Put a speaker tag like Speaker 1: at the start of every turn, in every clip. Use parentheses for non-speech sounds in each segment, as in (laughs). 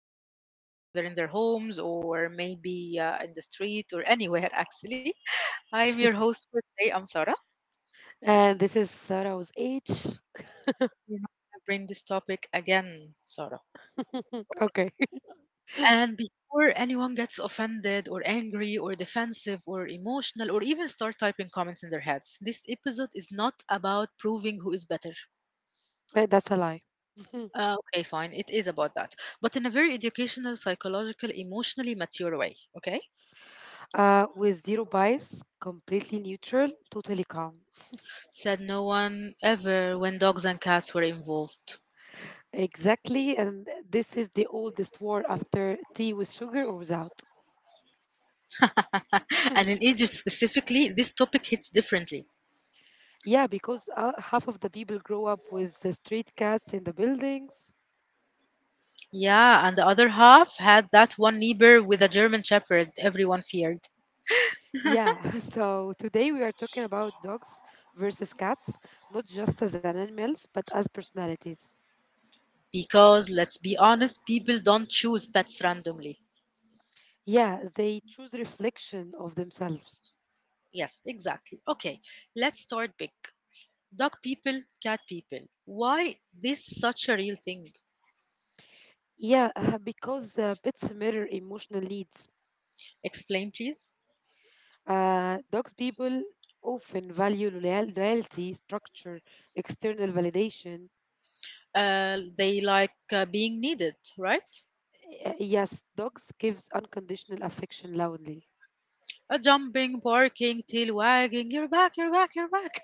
Speaker 1: can see either in their homes or maybe in the street or anywhere, actually. I'm your host for today. I'm Sarah.
Speaker 2: And this is Sarah's age.
Speaker 1: We're not going to bring this topic again, Sarah.
Speaker 2: Okay, (laughs)
Speaker 1: And before anyone gets offended or angry or defensive or emotional or even start typing comments in their heads, this episode is not about proving who is better.
Speaker 2: That's a lie. (laughs)
Speaker 1: Okay, fine. It is about that, but in a very educational, psychological, emotionally mature way. Okay,
Speaker 2: With zero bias, completely neutral, totally calm.
Speaker 1: said no one ever when dogs and cats were involved.
Speaker 2: Exactly, and this is the oldest war after tea with sugar or without.
Speaker 1: (laughs) And in Egypt
Speaker 2: (laughs)
Speaker 1: specifically, this topic hits differently.
Speaker 2: Yeah, because half of the people grow up with the street cats in the buildings.
Speaker 1: Yeah, and the other half had that one neighbor with a German Shepherd everyone feared.
Speaker 2: Yeah, (laughs) so today we are talking about dogs versus cats, not just as animals, but as personalities.
Speaker 1: Because, let's be honest, people don't choose pets randomly.
Speaker 2: Yeah, they choose reflection of themselves.
Speaker 1: Yes, exactly. Okay, let's start big. Dog people, cat people. Why this such a real thing?
Speaker 2: Yeah, (laughs) because pets mirror emotional needs.
Speaker 1: Explain, please.
Speaker 2: Dogs people often value loyalty, structure, external validation.
Speaker 1: They like being needed, right?
Speaker 2: Yes, dogs gives unconditional affection loudly.
Speaker 1: Jumping, barking, tail wagging, you're back, you're back, you're back.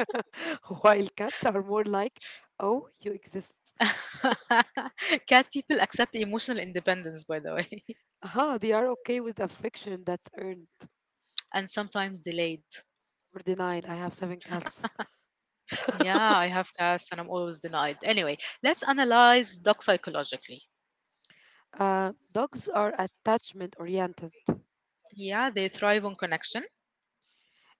Speaker 2: (laughs) While cats are more like, "Oh, you exist."
Speaker 1: (laughs) Cat people accept emotional independence, by the way.
Speaker 2: Aha, they are okay with affection that's earned
Speaker 1: (laughs) And sometimes delayed.
Speaker 2: or denied. I have seven cats.
Speaker 1: Yeah, I have cats and I'm always denied. Anyway, let's analyze dogs psychologically.
Speaker 2: Dogs are attachment oriented.
Speaker 1: Yeah, they thrive on connection.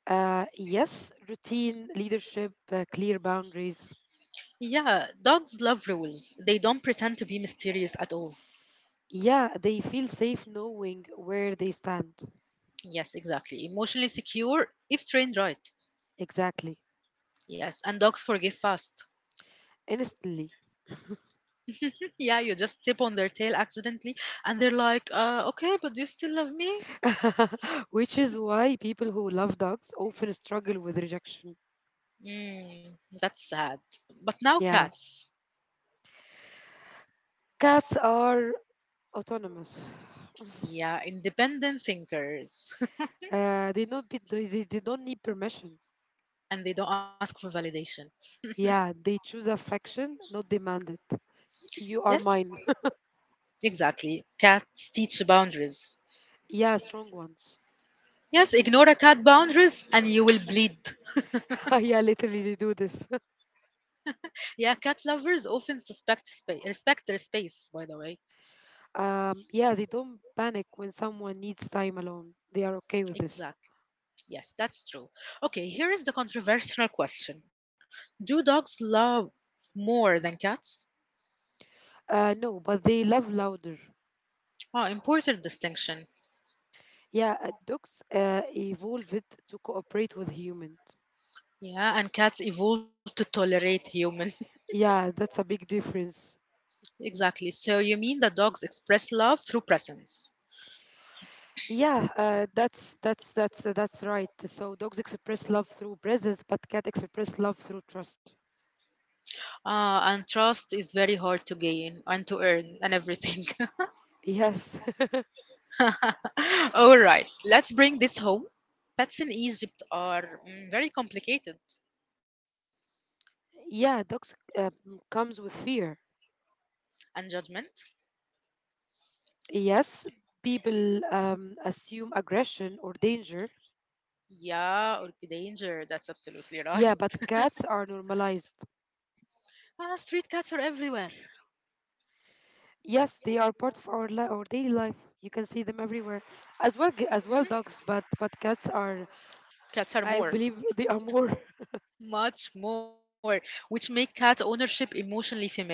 Speaker 2: Yes, routine, leadership, clear boundaries.
Speaker 1: Yeah, dogs love rules. They don't pretend to be mysterious at all.
Speaker 2: Yeah, they feel safe knowing where they stand.
Speaker 1: Yes, exactly. Emotionally secure if trained right.
Speaker 2: Exactly.
Speaker 1: Yes, and dogs forgive fast.
Speaker 2: Instantly.
Speaker 1: Yeah, you just tip on their tail accidentally, and they're like, okay, but do you still love me?
Speaker 2: (laughs) Which is why people who love dogs often struggle with rejection.
Speaker 1: Mm, that's sad. But now
Speaker 2: Yeah.
Speaker 1: cats,
Speaker 2: Cats are autonomous. (sighs)
Speaker 1: yeah, independent thinkers.
Speaker 2: Uh, they don't need permission.
Speaker 1: (laughs) And they don't ask for validation.
Speaker 2: Yeah, they choose affection, not demand it. You are
Speaker 1: Yes,
Speaker 2: mine.
Speaker 1: exactly. Cats teach boundaries.
Speaker 2: (laughs) Yeah, strong ones.
Speaker 1: Yes, ignore a cat boundaries and you will bleed.
Speaker 2: (laughs) Yeah, literally they do this. (laughs)
Speaker 1: Yeah, cat lovers often respect their space, by the way.
Speaker 2: Yeah, they don't panic when someone needs time alone. They are okay with this.
Speaker 1: Exactly. Yes, that's true. Okay, here is the controversial question. Do dogs love more than cats?
Speaker 2: No, but they love louder.
Speaker 1: Oh, important distinction.
Speaker 2: Yeah, dogs evolved to cooperate with humans.
Speaker 1: Yeah, and cats evolved to tolerate human.
Speaker 2: Yeah, that's a big difference.
Speaker 1: (laughs) Exactly. So you mean that dogs express love through presence.
Speaker 2: Yeah, that's right. So dogs express love through presence, but cat express love through trust.
Speaker 1: Ah, and trust is very hard to gain and to earn and everything.
Speaker 2: Yes. (laughs)
Speaker 1: (laughs) All right, let's bring this home. Pets in Egypt are mm, very complicated
Speaker 2: Yeah, dogs comes with fear.
Speaker 1: and judgment.
Speaker 2: Yes, people assume aggression or danger.
Speaker 1: Yeah, or danger. That's absolutely
Speaker 2: Yeah,
Speaker 1: right.
Speaker 2: but cats are normalized.
Speaker 1: (laughs) Ah, street cats are everywhere.
Speaker 2: Yes, they are part of our daily life. You can see them everywhere, as well
Speaker 1: Hmm?
Speaker 2: dogs, but
Speaker 1: Cats are
Speaker 2: I
Speaker 1: more.
Speaker 2: believe, they are more. (laughs)
Speaker 1: Much more, which make cat ownership emotionally familiar.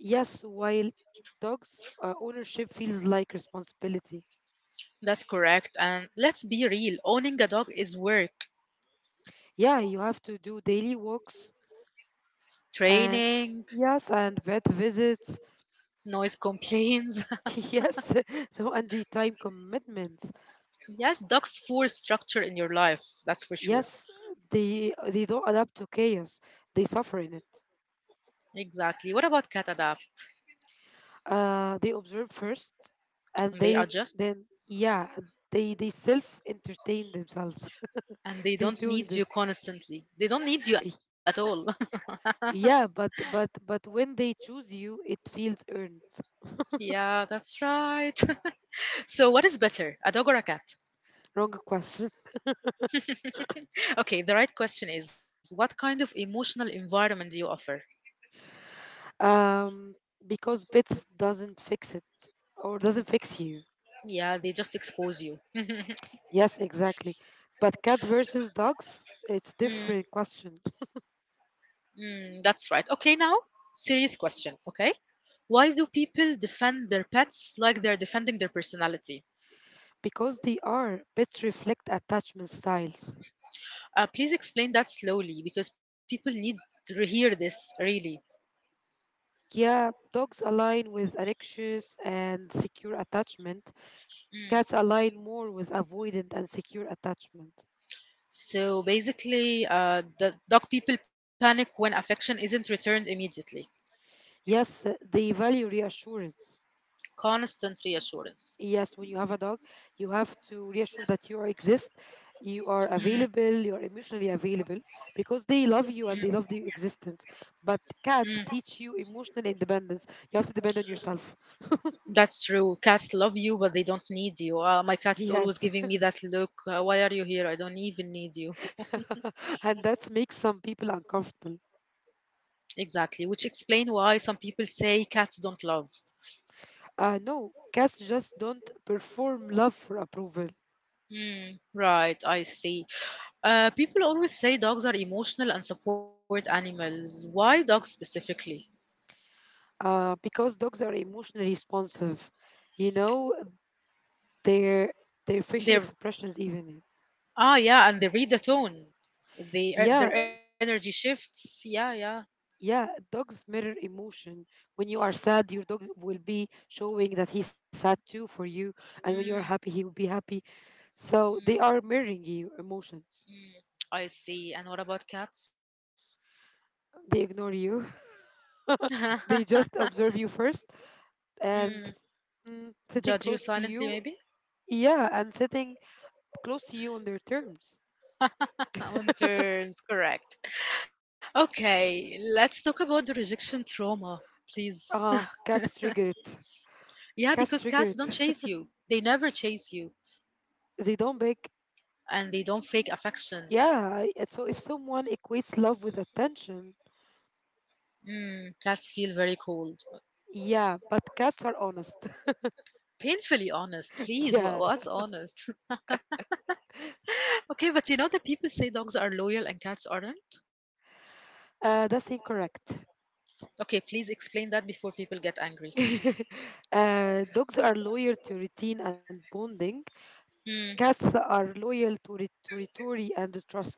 Speaker 2: Yes, while dogs ownership feels like responsibility.
Speaker 1: That's correct. And let's be real, owning a dog is work.
Speaker 2: Yeah, you have to do daily walks, and
Speaker 1: Training,
Speaker 2: yes, and vet visits.
Speaker 1: noise complaints.
Speaker 2: (laughs) Yes, (laughs) so and the time commitments.
Speaker 1: (laughs) Yes, dogs force structure in your life, that's for sure.
Speaker 2: Yes, they don't adapt to chaos. They suffer in it.
Speaker 1: Exactly. What about cat adapt?
Speaker 2: They observe first, and
Speaker 1: They
Speaker 2: they
Speaker 1: adjust
Speaker 2: then yeah, they self entertain themselves.
Speaker 1: and they
Speaker 2: (laughs) They
Speaker 1: don't
Speaker 2: doing
Speaker 1: need you
Speaker 2: this.
Speaker 1: constantly. They don't need you
Speaker 2: Eh,
Speaker 1: at all. (laughs)
Speaker 2: yeah, but when they choose you it feels earned.
Speaker 1: Yeah, that's right. (laughs) So what is better, a dog or a cat?
Speaker 2: Wrong question.
Speaker 1: Okay, the right question is what kind of emotional environment do you offer?
Speaker 2: um because bits doesn't fix it, or doesn't fix you.
Speaker 1: Yeah, they just expose you. (laughs)
Speaker 2: Yes, exactly, but cat versus dogs it's
Speaker 1: Mm,
Speaker 2: different question.
Speaker 1: mm, that's right. Okay, now, serious question, okay? Why do people defend their pets like they're defending their personality?
Speaker 2: Because they are bits reflect attachment styles.
Speaker 1: Please explain that slowly because people need to hear this, really.
Speaker 2: Yeah, dogs align with an anxious and secure attachment.
Speaker 1: Mm.
Speaker 2: Cats align more with avoidant and secure attachment.
Speaker 1: So basically, the dog people panic when affection isn't returned immediately.
Speaker 2: Yes, they value reassurance.
Speaker 1: Constant reassurance.
Speaker 2: Yes, when you have a dog, you have to reassure that you are exist, you are
Speaker 1: Mm,
Speaker 2: available, you are emotionally available, because they
Speaker 1: mm,
Speaker 2: love you and they love the existence. But
Speaker 1: mm.
Speaker 2: cats teach you emotional independence. You have to depend on yourself.
Speaker 1: That's true. Cats love you, but they don't need you. My cat is always
Speaker 2: Yes.
Speaker 1: giving me that look. Why are you here? I don't even need you.
Speaker 2: (laughs) And that makes some people uncomfortable.
Speaker 1: Exactly, which explain why some people say cats don't love.
Speaker 2: No, cats just don't perform love for approval.
Speaker 1: Mm, right, I see. People always say dogs are emotional and support animals. Why dogs specifically?
Speaker 2: Because dogs are emotionally responsive. You know, their their facial
Speaker 1: They're
Speaker 2: expressions even.
Speaker 1: Ah, yeah, and they read the tone. They
Speaker 2: Yeah,
Speaker 1: their energy shifts. Yeah, yeah.
Speaker 2: yeah, dogs mirror emotion. When you are sad, your dog will be showing that he's sad too for you, and when you are happy,
Speaker 1: Mm,
Speaker 2: he will be happy. So they
Speaker 1: mm,
Speaker 2: are mirroring your emotions.
Speaker 1: mm. I see. And what about cats?
Speaker 2: They ignore you. (laughs)
Speaker 1: (laughs)
Speaker 2: They just observe you first,
Speaker 1: Mm,
Speaker 2: and sitting
Speaker 1: judge you
Speaker 2: close to
Speaker 1: silently,
Speaker 2: you,
Speaker 1: maybe?
Speaker 2: yeah, and sitting close to you on their terms.
Speaker 1: On terms, correct. Okay, let's talk about the rejection trauma, please.
Speaker 2: Ah, cats trigger it.
Speaker 1: Yeah, because
Speaker 2: Cats trigger
Speaker 1: cats don't
Speaker 2: it.
Speaker 1: chase you. They never chase you,
Speaker 2: (laughs) They don't beg.
Speaker 1: and they don't fake affection.
Speaker 2: Yeah, so if someone equates love with attention,
Speaker 1: Mm, cats feel very cold.
Speaker 2: yeah, but cats are honest.
Speaker 1: Painfully honest,
Speaker 2: (laughs)
Speaker 1: please.
Speaker 2: Yeah,
Speaker 1: What's honest? (laughs) Okay, but you know that people say dogs are loyal and cats aren't?
Speaker 2: that's incorrect.
Speaker 1: Okay, please explain that before people get angry.
Speaker 2: (laughs) Dogs are loyal to routine and bonding.
Speaker 1: Mm,
Speaker 2: Cats are loyal to to territory and the trust.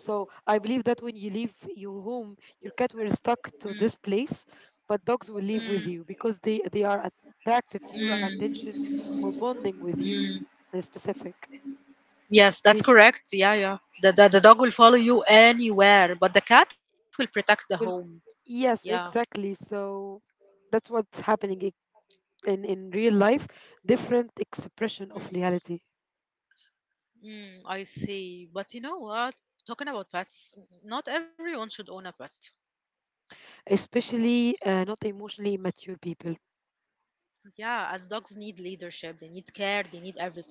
Speaker 2: So I believe that when you leave your home, your cat will stuck
Speaker 1: mm,
Speaker 2: to this place, but dogs will live
Speaker 1: mm,
Speaker 2: with you because they are attracted to your
Speaker 1: mm,
Speaker 2: attention or bonding with you
Speaker 1: mm.
Speaker 2: in specific.
Speaker 1: Yes,
Speaker 2: They
Speaker 1: that's
Speaker 2: f-
Speaker 1: correct. Yeah, yeah. The dog will follow you anywhere, but the cat will protect the home.
Speaker 2: will,
Speaker 1: Yeah.
Speaker 2: yes, exactly. So that's what's happening in real life. Different expression of reality,
Speaker 1: Mm, I see. But you know what? Talking about pets, not everyone should own a pet.
Speaker 2: especially not emotionally mature people,
Speaker 1: Yeah, as dogs need leadership, they need care, they need everything.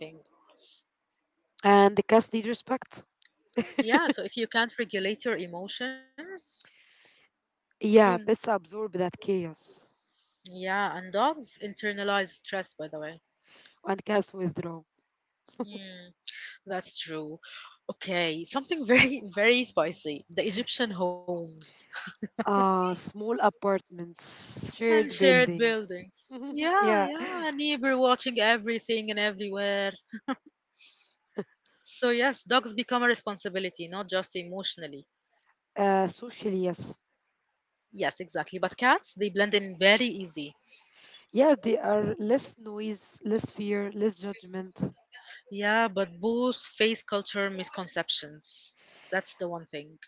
Speaker 2: and the cats need respect.
Speaker 1: Yeah, so if you can't regulate your emotions, doom.
Speaker 2: Yeah, pets absorb that chaos,
Speaker 1: Yeah, and dogs internalize stress, by the way.
Speaker 2: and cats withdraw.
Speaker 1: Mm, that's true. Okay, something very, (laughs) very spicy. The Egyptian homes.
Speaker 2: Small apartments,
Speaker 1: (laughs) And
Speaker 2: shared
Speaker 1: shared
Speaker 2: buildings.
Speaker 1: buildings.
Speaker 2: (laughs)
Speaker 1: Yeah,
Speaker 2: Yeah,
Speaker 1: yeah, a neighbor watching everything and everywhere. So yes, dogs become a responsibility, not just emotionally.
Speaker 2: socially, yes.
Speaker 1: Yes, exactly. But cats, they blend in very easy.
Speaker 2: Yeah, they are less noise, less fear, less judgment.
Speaker 1: Yeah, but both face culture misconceptions. That's the one thing.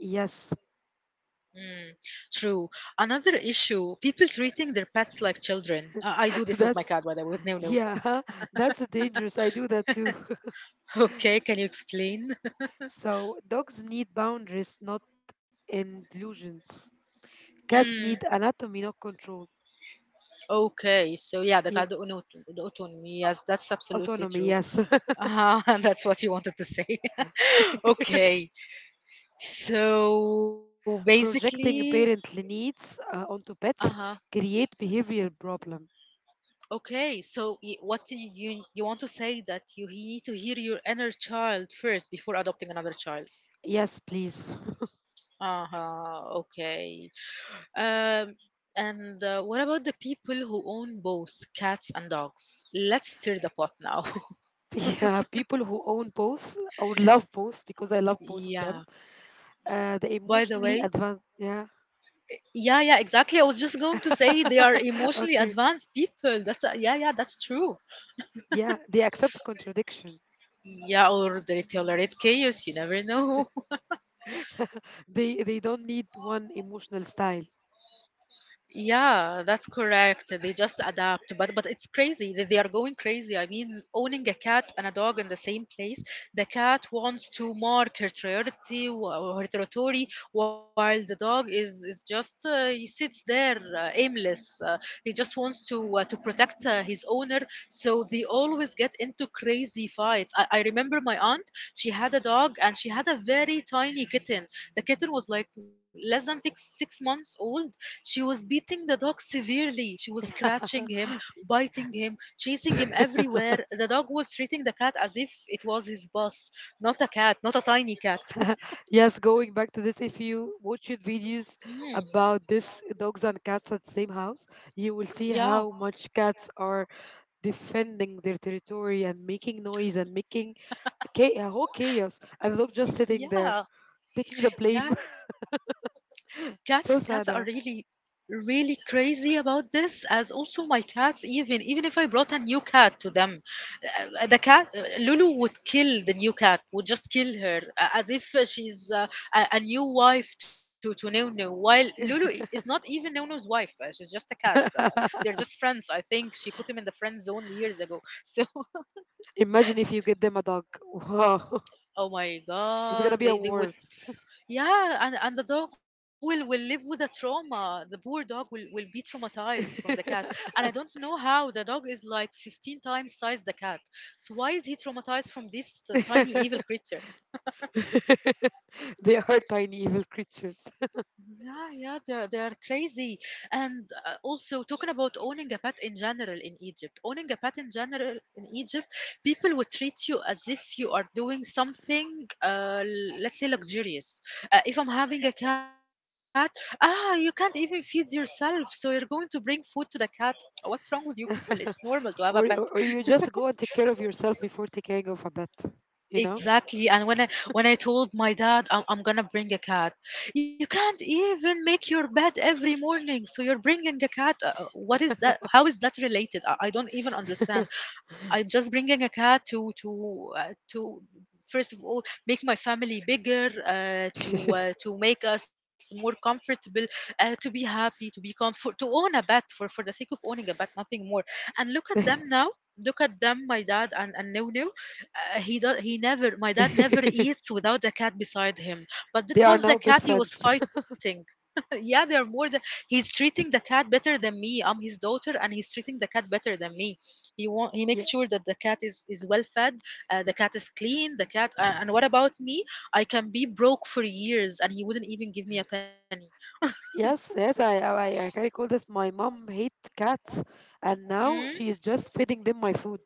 Speaker 2: Yes,
Speaker 1: Mm, true. Another issue, people treating their pets like children. I do this
Speaker 2: (laughs)
Speaker 1: with my cat,
Speaker 2: that's,
Speaker 1: by the way, with Nunu. (laughs)
Speaker 2: yeah, (laughs) that's dangerous. I do that too. (laughs)
Speaker 1: Okay, can you explain? (laughs)
Speaker 2: So, dogs need boundaries, not inclusions.
Speaker 1: Mm,
Speaker 2: Cats need anatomy, not control.
Speaker 1: okay, so yeah, the cat, the
Speaker 2: Yeah,
Speaker 1: Uno- the autonomy. Yes, that's absolutely
Speaker 2: autonomy,
Speaker 1: true.
Speaker 2: yes.
Speaker 1: Uh-huh, (laughs) that's what you wanted to say. (laughs) Okay, so basically,
Speaker 2: Projecting parent needs onto
Speaker 1: uh huh.
Speaker 2: pets create behavioral problem.
Speaker 1: Okay, so what do you want to say that you need to hear your inner child first before adopting another child?
Speaker 2: Yes, please.
Speaker 1: Uh huh. Okay. Um, and what about the people who own both cats and dogs? Let's stir the pot now.
Speaker 2: (laughs) Yeah, people who own both or love both because I love
Speaker 1: (laughs)
Speaker 2: both of them.
Speaker 1: Yeah.
Speaker 2: They
Speaker 1: By the way,
Speaker 2: emotionally advanced. Yeah.
Speaker 1: yeah, yeah, exactly. I was just going to say they are
Speaker 2: (laughs)
Speaker 1: emotionally
Speaker 2: Okay.
Speaker 1: advanced people. That's yeah, yeah, that's true.
Speaker 2: Yeah, they accept contradiction.
Speaker 1: Yeah, or they tolerate chaos. You never know.
Speaker 2: They don't need one emotional style.
Speaker 1: Yeah, that's correct. They just adapt, but it's crazy. They are going crazy. I mean, owning a cat and a dog in the same place. The cat wants to mark her territory, or her territory, while the dog is just he sits there aimless. He just wants to protect his owner. So they always get into crazy fights. I remember my aunt. She had a dog and she had a very tiny kitten. The kitten was like less than six months old. She was beating the dog severely. She was scratching him,
Speaker 2: (laughs)
Speaker 1: biting him, chasing him everywhere. The dog was treating the cat as if it was his boss, not a cat, not a tiny cat. (laughs)
Speaker 2: Yes, going back to this, if you watch your videos
Speaker 1: Mm,
Speaker 2: about this dogs and cats at the same house, you will see
Speaker 1: yeah,
Speaker 2: how much cats are defending their territory and making noise and making a whole chaos, and look just
Speaker 1: (laughs)
Speaker 2: sitting there
Speaker 1: yeah,
Speaker 2: taking the blame.
Speaker 1: yeah. Cats,
Speaker 2: (laughs)
Speaker 1: cats
Speaker 2: So
Speaker 1: are
Speaker 2: sad.
Speaker 1: really, really crazy about this. As also my cats, even if I brought a new cat to them, the cat Lulu would kill the new cat, would just kill her as if she's a new wife to Nono. While Lulu is not even Nono's wife, she's just a cat. They're just
Speaker 2: (laughs)
Speaker 1: friends. I think she put him in the friend zone years ago. (laughs) So,
Speaker 2: Imagine
Speaker 1: s-
Speaker 2: if you get them a dog, wow.
Speaker 1: oh my
Speaker 2: (laughs) It's
Speaker 1: god,
Speaker 2: gonna be
Speaker 1: they
Speaker 2: a
Speaker 1: they would
Speaker 2: war.
Speaker 1: yeah, and the dog will live with a trauma. The poor dog will be traumatized from the cat, and I don't know how the dog is like 15 times size the cat. So why is he traumatized from this tiny evil creature?
Speaker 2: (laughs) They are tiny evil creatures.
Speaker 1: Yeah, yeah, they're crazy. And also talking about owning a pet in general in Egypt, owning a pet in general in Egypt, people would treat you as if you are doing something, let's say luxurious. If I'm having a cat, ah, you can't even feed yourself, so you're going to bring food to the cat. What's wrong with you people? It's normal to have a
Speaker 2: (laughs)
Speaker 1: pet.
Speaker 2: Or you just go and take care of yourself before taking care of a pet, you know.
Speaker 1: Exactly. And when I told my dad I'm gonna bring a cat, you can't even make your bed every morning. So you're bringing a cat. What is that? How is that related? I don't even understand. I'm just bringing a cat to to first of all make my family bigger,
Speaker 2: (laughs)
Speaker 1: to make us more comfortable, to be happy, to be comfort, to own a bed for the sake of owning a bed, nothing more. And look at them now. Look at them, my dad and Nunu. He does he never My dad never
Speaker 2: (laughs)
Speaker 1: eats without the cat beside him, but
Speaker 2: They
Speaker 1: that
Speaker 2: are
Speaker 1: was
Speaker 2: now
Speaker 1: the
Speaker 2: best
Speaker 1: cat he
Speaker 2: friends.
Speaker 1: was fighting. (laughs) Yeah, they're more than he's treating the cat better than me. I'm his daughter and he's treating the cat better than me. He want he makes
Speaker 2: Yeah.
Speaker 1: sure that the cat is well fed, the cat is clean, the cat and what about me? I can be broke for years and he wouldn't even give me a penny.
Speaker 2: Yes, yes, I can recall that my mom hate cats, and now
Speaker 1: Mm?
Speaker 2: she is just feeding them my food.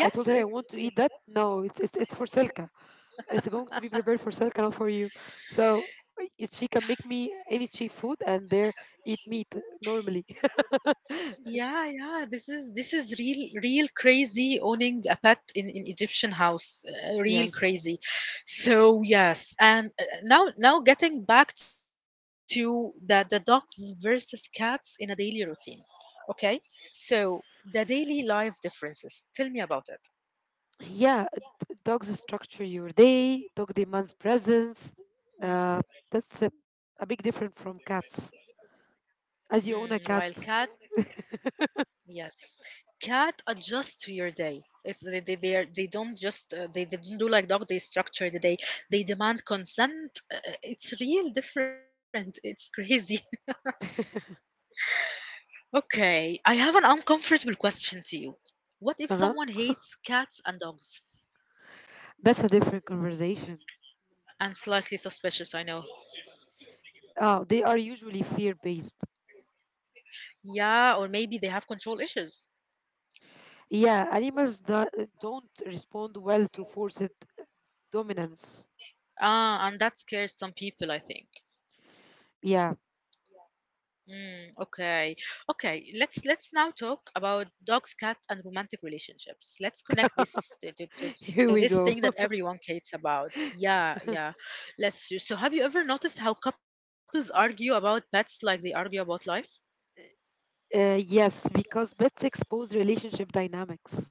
Speaker 2: I told
Speaker 1: Yes,
Speaker 2: her I want to
Speaker 1: exactly.
Speaker 2: eat that. No, it's for Selka. It's going to be prepared for Selka, not for you. So she can make me any cheap food, and there eat meat normally.
Speaker 1: Yeah,
Speaker 2: (laughs)
Speaker 1: yeah. This is real crazy owning a pet in Egyptian house. Real
Speaker 2: Yes.
Speaker 1: crazy. So yes, and now getting back to the dogs versus cats in a daily routine. Okay, so the daily life differences. Tell me about it.
Speaker 2: Yeah, dogs structure your day. Dog demands presence.
Speaker 1: Mm.
Speaker 2: Uh, that's a big difference from cats.
Speaker 1: Mm,
Speaker 2: As
Speaker 1: wild
Speaker 2: you own
Speaker 1: cat.
Speaker 2: a cat.
Speaker 1: Yes, cat adjust to your day. It's they don't just they don't do like dog. They structure the day. They demand consent. It's real different. It's crazy. (laughs) Okay, I have an uncomfortable question to you. What if
Speaker 2: Uh
Speaker 1: someone
Speaker 2: huh.
Speaker 1: hates cats and dogs
Speaker 2: That's a different conversation.
Speaker 1: and slightly suspicious? I know.
Speaker 2: Oh, they are usually fear-based.
Speaker 1: Yeah, or maybe they have control issues.
Speaker 2: Yeah, animals don't respond well to forced dominance.
Speaker 1: Ah, and that scares some people, I think.
Speaker 2: Yeah,
Speaker 1: Mm, okay. Okay, let's now talk about dogs, cat, and romantic relationships. Let's connect this to, to, to,
Speaker 2: (laughs) here
Speaker 1: to
Speaker 2: we
Speaker 1: this
Speaker 2: go.
Speaker 1: thing that
Speaker 2: (laughs)
Speaker 1: everyone cares about. Yeah, yeah. Let's do. So have you ever noticed how couples argue about pets like they argue about life?
Speaker 2: Yes, because pets expose relationship dynamics.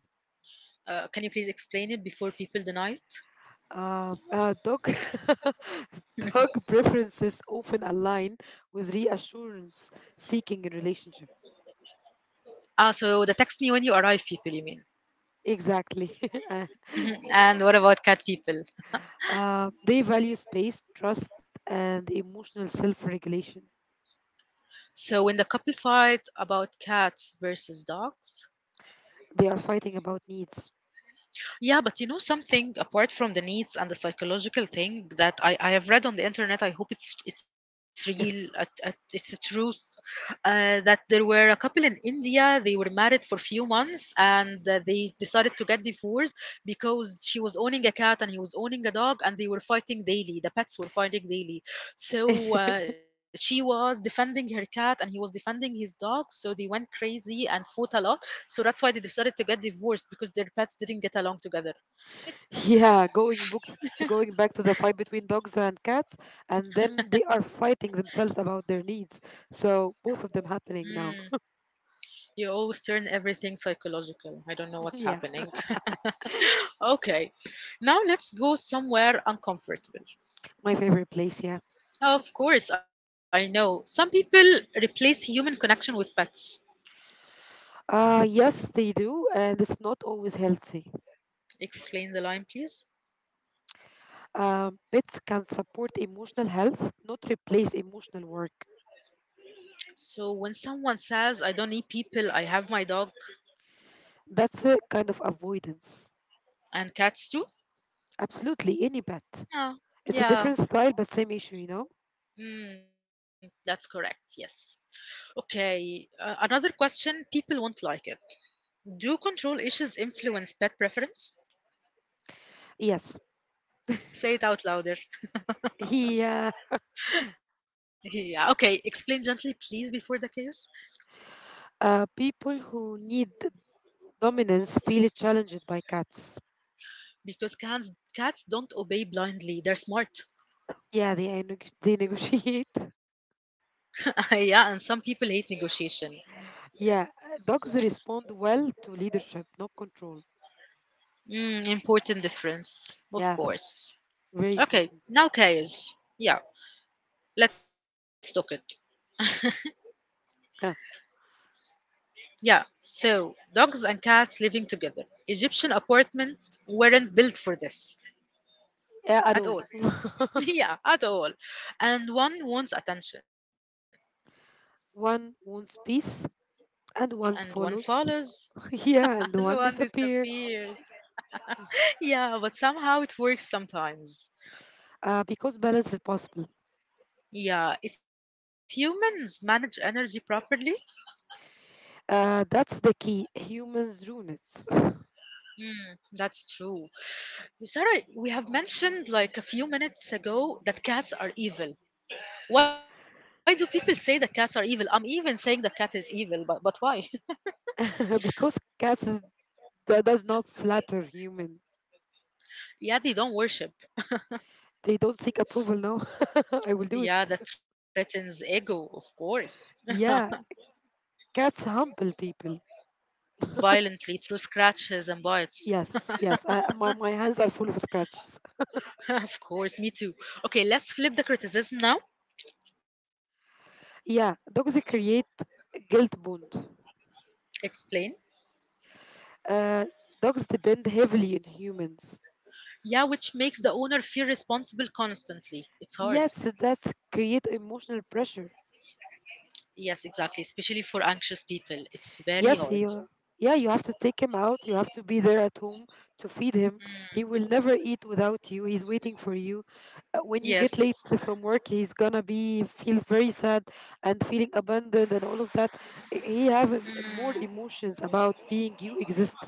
Speaker 1: Can you please explain it before people deny it?
Speaker 2: Dog, (laughs) dog
Speaker 1: (laughs)
Speaker 2: preferences often align with reassurance seeking in relationship.
Speaker 1: Ah, so the text me when you arrive people, you mean?
Speaker 2: Exactly. (laughs) Uh,
Speaker 1: Mhm. And what about cat people?
Speaker 2: they value space, trust, and emotional self-regulation.
Speaker 1: So when the couple fight about cats versus dogs,
Speaker 2: They are fighting about needs.
Speaker 1: yeah, but you know something apart from the needs and the psychological thing that I have read on the internet. I hope it's real. It's the truth that there were a couple in India. They were married for few months and they decided to get divorced because she was owning a cat and he was owning a dog, and they were fighting daily. The pets were fighting daily.
Speaker 2: (laughs)
Speaker 1: So she was defending her cat and he was defending his dog. So they went crazy and fought a lot, so that's why they decided to get divorced because their pets didn't get along together.
Speaker 2: Yeah, going books to going back to the fight between dogs and cats, and then they are fighting themselves about their needs. So both of them happening now.
Speaker 1: Mm, you always turn everything psychological. I
Speaker 2: (laughs)
Speaker 1: don't know
Speaker 2: Yeah,
Speaker 1: what's happening. Okay, now let's go somewhere uncomfortable.
Speaker 2: my favorite place. Yeah.
Speaker 1: Of course, I know. Some people replace human connection with pets.
Speaker 2: Yes, they do, and it's not always healthy.
Speaker 1: Explain the line, please.
Speaker 2: Pets can support emotional health, not replace emotional work.
Speaker 1: So when someone says, I don't need people, I have my dog
Speaker 2: That's a kind of avoidance.
Speaker 1: and cats too.
Speaker 2: Absolutely, any pet.
Speaker 1: Yeah,
Speaker 2: It's a different
Speaker 1: yeah.
Speaker 2: style, but same issue. You know.
Speaker 1: Mm, that's correct, yes. Okay, another question people won't like it. Do control issues influence pet preference?
Speaker 2: Yes.
Speaker 1: Say it out louder.
Speaker 2: He, uh,
Speaker 1: (laughs) Yeah, okay. Explain gently, please, before the chaos.
Speaker 2: People who need dominance feel challenged by cats.
Speaker 1: Because cats don't obey blindly. They're smart.
Speaker 2: Yeah, they, they negotiate.
Speaker 1: (laughs) Yeah, and some people hate negotiation.
Speaker 2: (laughs) Yeah, dogs respond well to leadership, not control.
Speaker 1: Mm, important difference,
Speaker 2: Yeah,
Speaker 1: of course.
Speaker 2: very important.
Speaker 1: Okay, now chaos. Yeah, let's talk it.
Speaker 2: Yeah,
Speaker 1: Yeah, so dogs and cats living together. Egyptian apartment weren't built for this
Speaker 2: yeah,
Speaker 1: at
Speaker 2: at all.
Speaker 1: all. (laughs) Yeah, at all. And one wants attention
Speaker 2: One wants peace and
Speaker 1: and one
Speaker 2: one
Speaker 1: follows,
Speaker 2: follows. (laughs)
Speaker 1: (laughs) and
Speaker 2: Yeah, and
Speaker 1: one
Speaker 2: one disappear.
Speaker 1: disappears. Yeah, but somehow it works sometimes.
Speaker 2: Because balance is possible.
Speaker 1: Yeah, if humans manage energy properly,
Speaker 2: That's the key. Humans ruin it.
Speaker 1: mm, that's true. Sarah, we have mentioned like a few minutes ago that cats are evil. Why do people say that cats are evil? I'm even saying the cat is evil, but why?
Speaker 2: (laughs) Because does not flatter human.
Speaker 1: (laughs) Yeah, they don't worship.
Speaker 2: They don't seek approval. No, (laughs) I will do it.
Speaker 1: Yeah, that threatens ego, of course. (laughs)
Speaker 2: Yeah, cats humble people.
Speaker 1: Violently through scratches and bites.
Speaker 2: Yes, yes. My hands are full of scratches.
Speaker 1: (laughs) Of course, me too. Okay, let's flip the criticism now.
Speaker 2: Yeah, dogs create guilt bond.
Speaker 1: Explain.
Speaker 2: Uh, Dogs depend heavily on humans.
Speaker 1: Yeah, which makes the owner feel responsible constantly. It's hard.
Speaker 2: Yes, that's create emotional pressure.
Speaker 1: Yes, exactly. Especially for anxious people, it's very hard.
Speaker 2: Yes, you. Yeah, you have to take him out. You have to be there at home to feed him.
Speaker 1: Mm,
Speaker 2: He will never eat without you. He's waiting for you. When you get late
Speaker 1: yes.
Speaker 2: from work, he's gonna be feel very sad and feeling abandoned and all of that. He
Speaker 1: Mm,
Speaker 2: have more emotions about being you exist.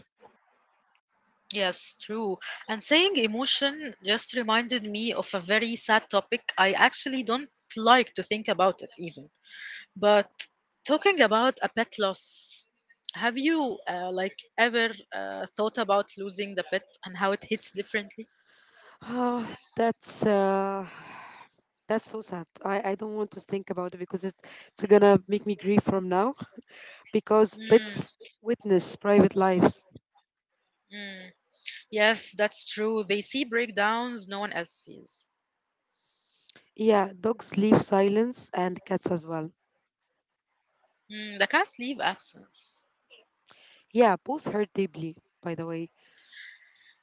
Speaker 1: yes, true. And saying emotion just reminded me of a very sad topic. I actually don't like to think about it even. But talking about a pet loss, have you like ever thought about losing the pet and how it hits differently?
Speaker 2: Oh, that's uh, that's so sad. I don't want to think about it because it's gonna make me grieve from now because
Speaker 1: Mm,
Speaker 2: pets witness private lives.
Speaker 1: mm. Yes, that's true. They see breakdowns no one else sees.
Speaker 2: Yeah, dogs leave silence and cats as well.
Speaker 1: Mm, the cats leave absence.
Speaker 2: Yeah, both hurt deeply, by the way.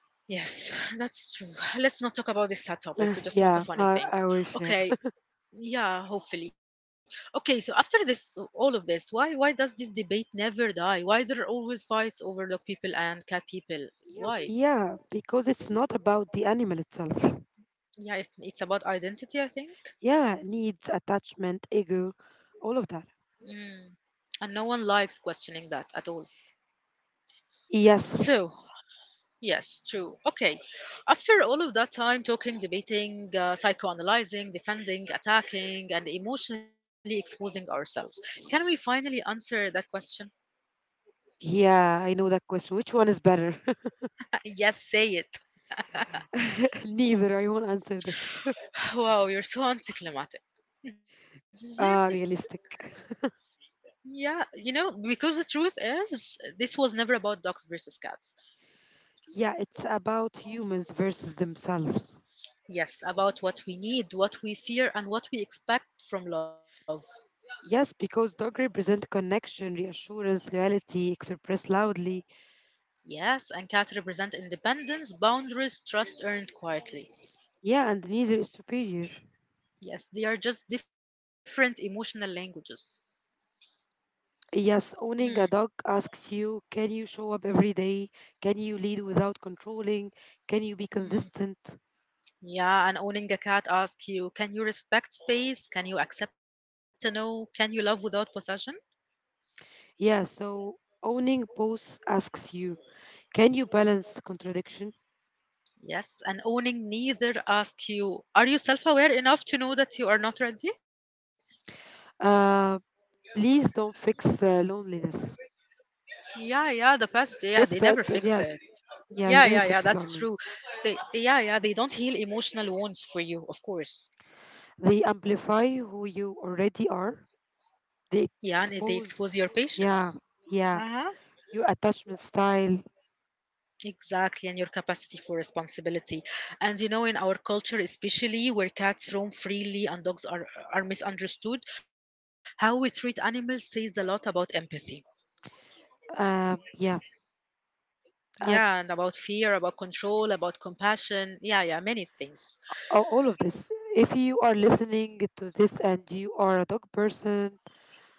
Speaker 1: Yes, (laughs) that's true. Let's not talk about this sad topic.
Speaker 2: (sighs)
Speaker 1: We
Speaker 2: Ah,
Speaker 1: just want a
Speaker 2: yeah,
Speaker 1: funny thing.
Speaker 2: I wish. Yeah.
Speaker 1: Okay, yeah, hopefully. Okay, so after this, all of this, why does this debate never die? Why there are always fights over dog people and cat people?
Speaker 2: Yeah,
Speaker 1: Why?
Speaker 2: yeah, because it's not about the animal itself.
Speaker 1: Yeah, it's about identity, I think.
Speaker 2: Yeah, needs, attachment, ego, all of that.
Speaker 1: Mm, and no one likes questioning that at all.
Speaker 2: Yes.
Speaker 1: So, yes, true. Okay. After all of that time talking, debating, psychoanalyzing, defending, attacking, and emotionally exposing ourselves, can we finally answer that question? (laughs)
Speaker 2: Yeah, I know that question. Which one is better? (laughs)
Speaker 1: Yes, say it.
Speaker 2: (laughs) Neither. I won't answer this. (laughs)
Speaker 1: (sighs) Wow, you're so anticlimactic. (laughs) Mhm.
Speaker 2: Realistic.
Speaker 1: Yeah, you know, because the truth is, this was never about dogs versus cats.
Speaker 2: Yeah, it's about humans versus themselves.
Speaker 1: Yes, about what we need, what we fear, and what we expect from love.
Speaker 2: Yes, because dog represent connection, reassurance, loyalty, expressed loudly.
Speaker 1: Yes, and cats represent independence, boundaries, trust earned quietly.
Speaker 2: Yeah, and neither is superior.
Speaker 1: Yes, they are just different emotional languages.
Speaker 2: Yes,
Speaker 1: Mm,
Speaker 2: owning a dog asks you, can you show up every day? Can you lead without controlling? Can you be
Speaker 1: mm.
Speaker 2: consistent?
Speaker 1: Yeah, and owning a cat asks you, can you respect space? Can you accept a no? Can you love without possession?
Speaker 2: Yeah, so owning both asks you, can you balance contradiction?
Speaker 1: Yes, and owning neither asks you, are you self aware enough to know that you are not ready?
Speaker 2: Uh, Please don't fix loneliness.
Speaker 1: Yeah, yeah, the past, yeah, they never
Speaker 2: Pets. That,
Speaker 1: fix
Speaker 2: that
Speaker 1: it.
Speaker 2: yeah,
Speaker 1: Yeah,
Speaker 2: yeah,
Speaker 1: yeah,
Speaker 2: they never
Speaker 1: yeah,
Speaker 2: fix
Speaker 1: that's true.
Speaker 2: loneliness.
Speaker 1: They, yeah, yeah, they don't heal emotional wounds for you, of course.
Speaker 2: They amplify who you already are.
Speaker 1: Yeah, and
Speaker 2: They
Speaker 1: they expose your
Speaker 2: expose,
Speaker 1: patience.
Speaker 2: yeah,
Speaker 1: Uh-huh.
Speaker 2: yeah, your attachment style.
Speaker 1: Exactly, and your capacity for responsibility. And you know, in our culture, especially where cats roam freely and dogs are misunderstood, how we treat animals says a lot about empathy.
Speaker 2: Yeah.
Speaker 1: Yeah,
Speaker 2: um,
Speaker 1: and about fear, about control, about compassion. Yeah, yeah, many things.
Speaker 2: all of this. If you are listening to this and you are a dog person,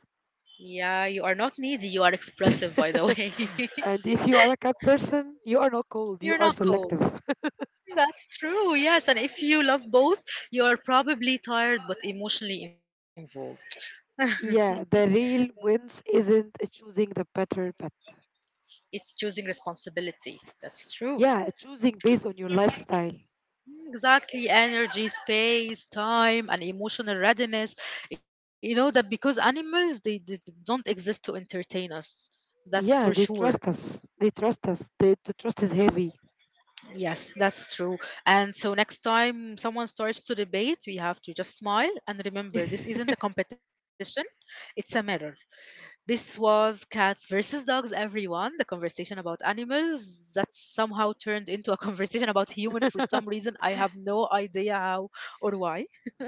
Speaker 1: Yeah, you are not needy, you are expressive, by the way.
Speaker 2: (laughs) and if you are a cat person, you are not
Speaker 1: (laughs) You're
Speaker 2: cold.
Speaker 1: not
Speaker 2: You are
Speaker 1: cold.
Speaker 2: selective.
Speaker 1: That's true, yes. And if you love both, you are probably tired but emotionally involved.
Speaker 2: (laughs) Yeah, the real wins isn't choosing the better pet.
Speaker 1: It's choosing responsibility. That's true.
Speaker 2: Yeah, choosing based on your lifestyle.
Speaker 1: Exactly, energy, space, time, and emotional readiness. You know that because animals they don't exist to entertain us. That's for
Speaker 2: Yeah, they
Speaker 1: sure.
Speaker 2: trust us. They trust us. The trust is heavy.
Speaker 1: Yes, that's true. And so next time someone starts to debate, we have to just smile and remember
Speaker 2: (laughs)
Speaker 1: this isn't a competition, it's a mirror. This was cats versus dogs, everyone. The conversation about animals that somehow turned into a (laughs) conversation about human for some reason. I have no idea how or why.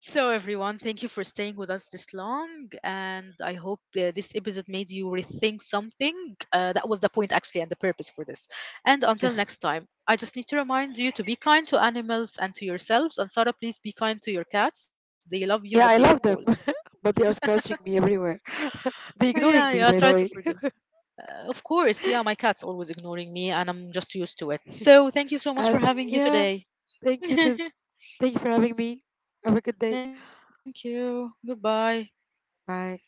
Speaker 1: So, everyone, thank you for staying with us this long. And I hope this episode made you rethink something. That was the point, actually, and the purpose for this. And until next time, I just need to remind you to be kind to animals and to yourselves. And Sarah, please be kind to your cats. They love you, but they are
Speaker 2: Yeah, I
Speaker 1: cold.
Speaker 2: love them, (laughs) but they are scratching me everywhere. (laughs) They're
Speaker 1: Yeah,
Speaker 2: ignoring
Speaker 1: yeah,
Speaker 2: me,
Speaker 1: try
Speaker 2: by
Speaker 1: to
Speaker 2: the way.
Speaker 1: forgive. Of course, yeah, my cat's always ignoring me, and I'm just used to it. So, thank you so much for
Speaker 2: And
Speaker 1: having you
Speaker 2: yeah,
Speaker 1: today.
Speaker 2: thank you to
Speaker 1: (laughs)
Speaker 2: thank you for having me. Have a good day.
Speaker 1: Thank you. Goodbye.
Speaker 2: Bye.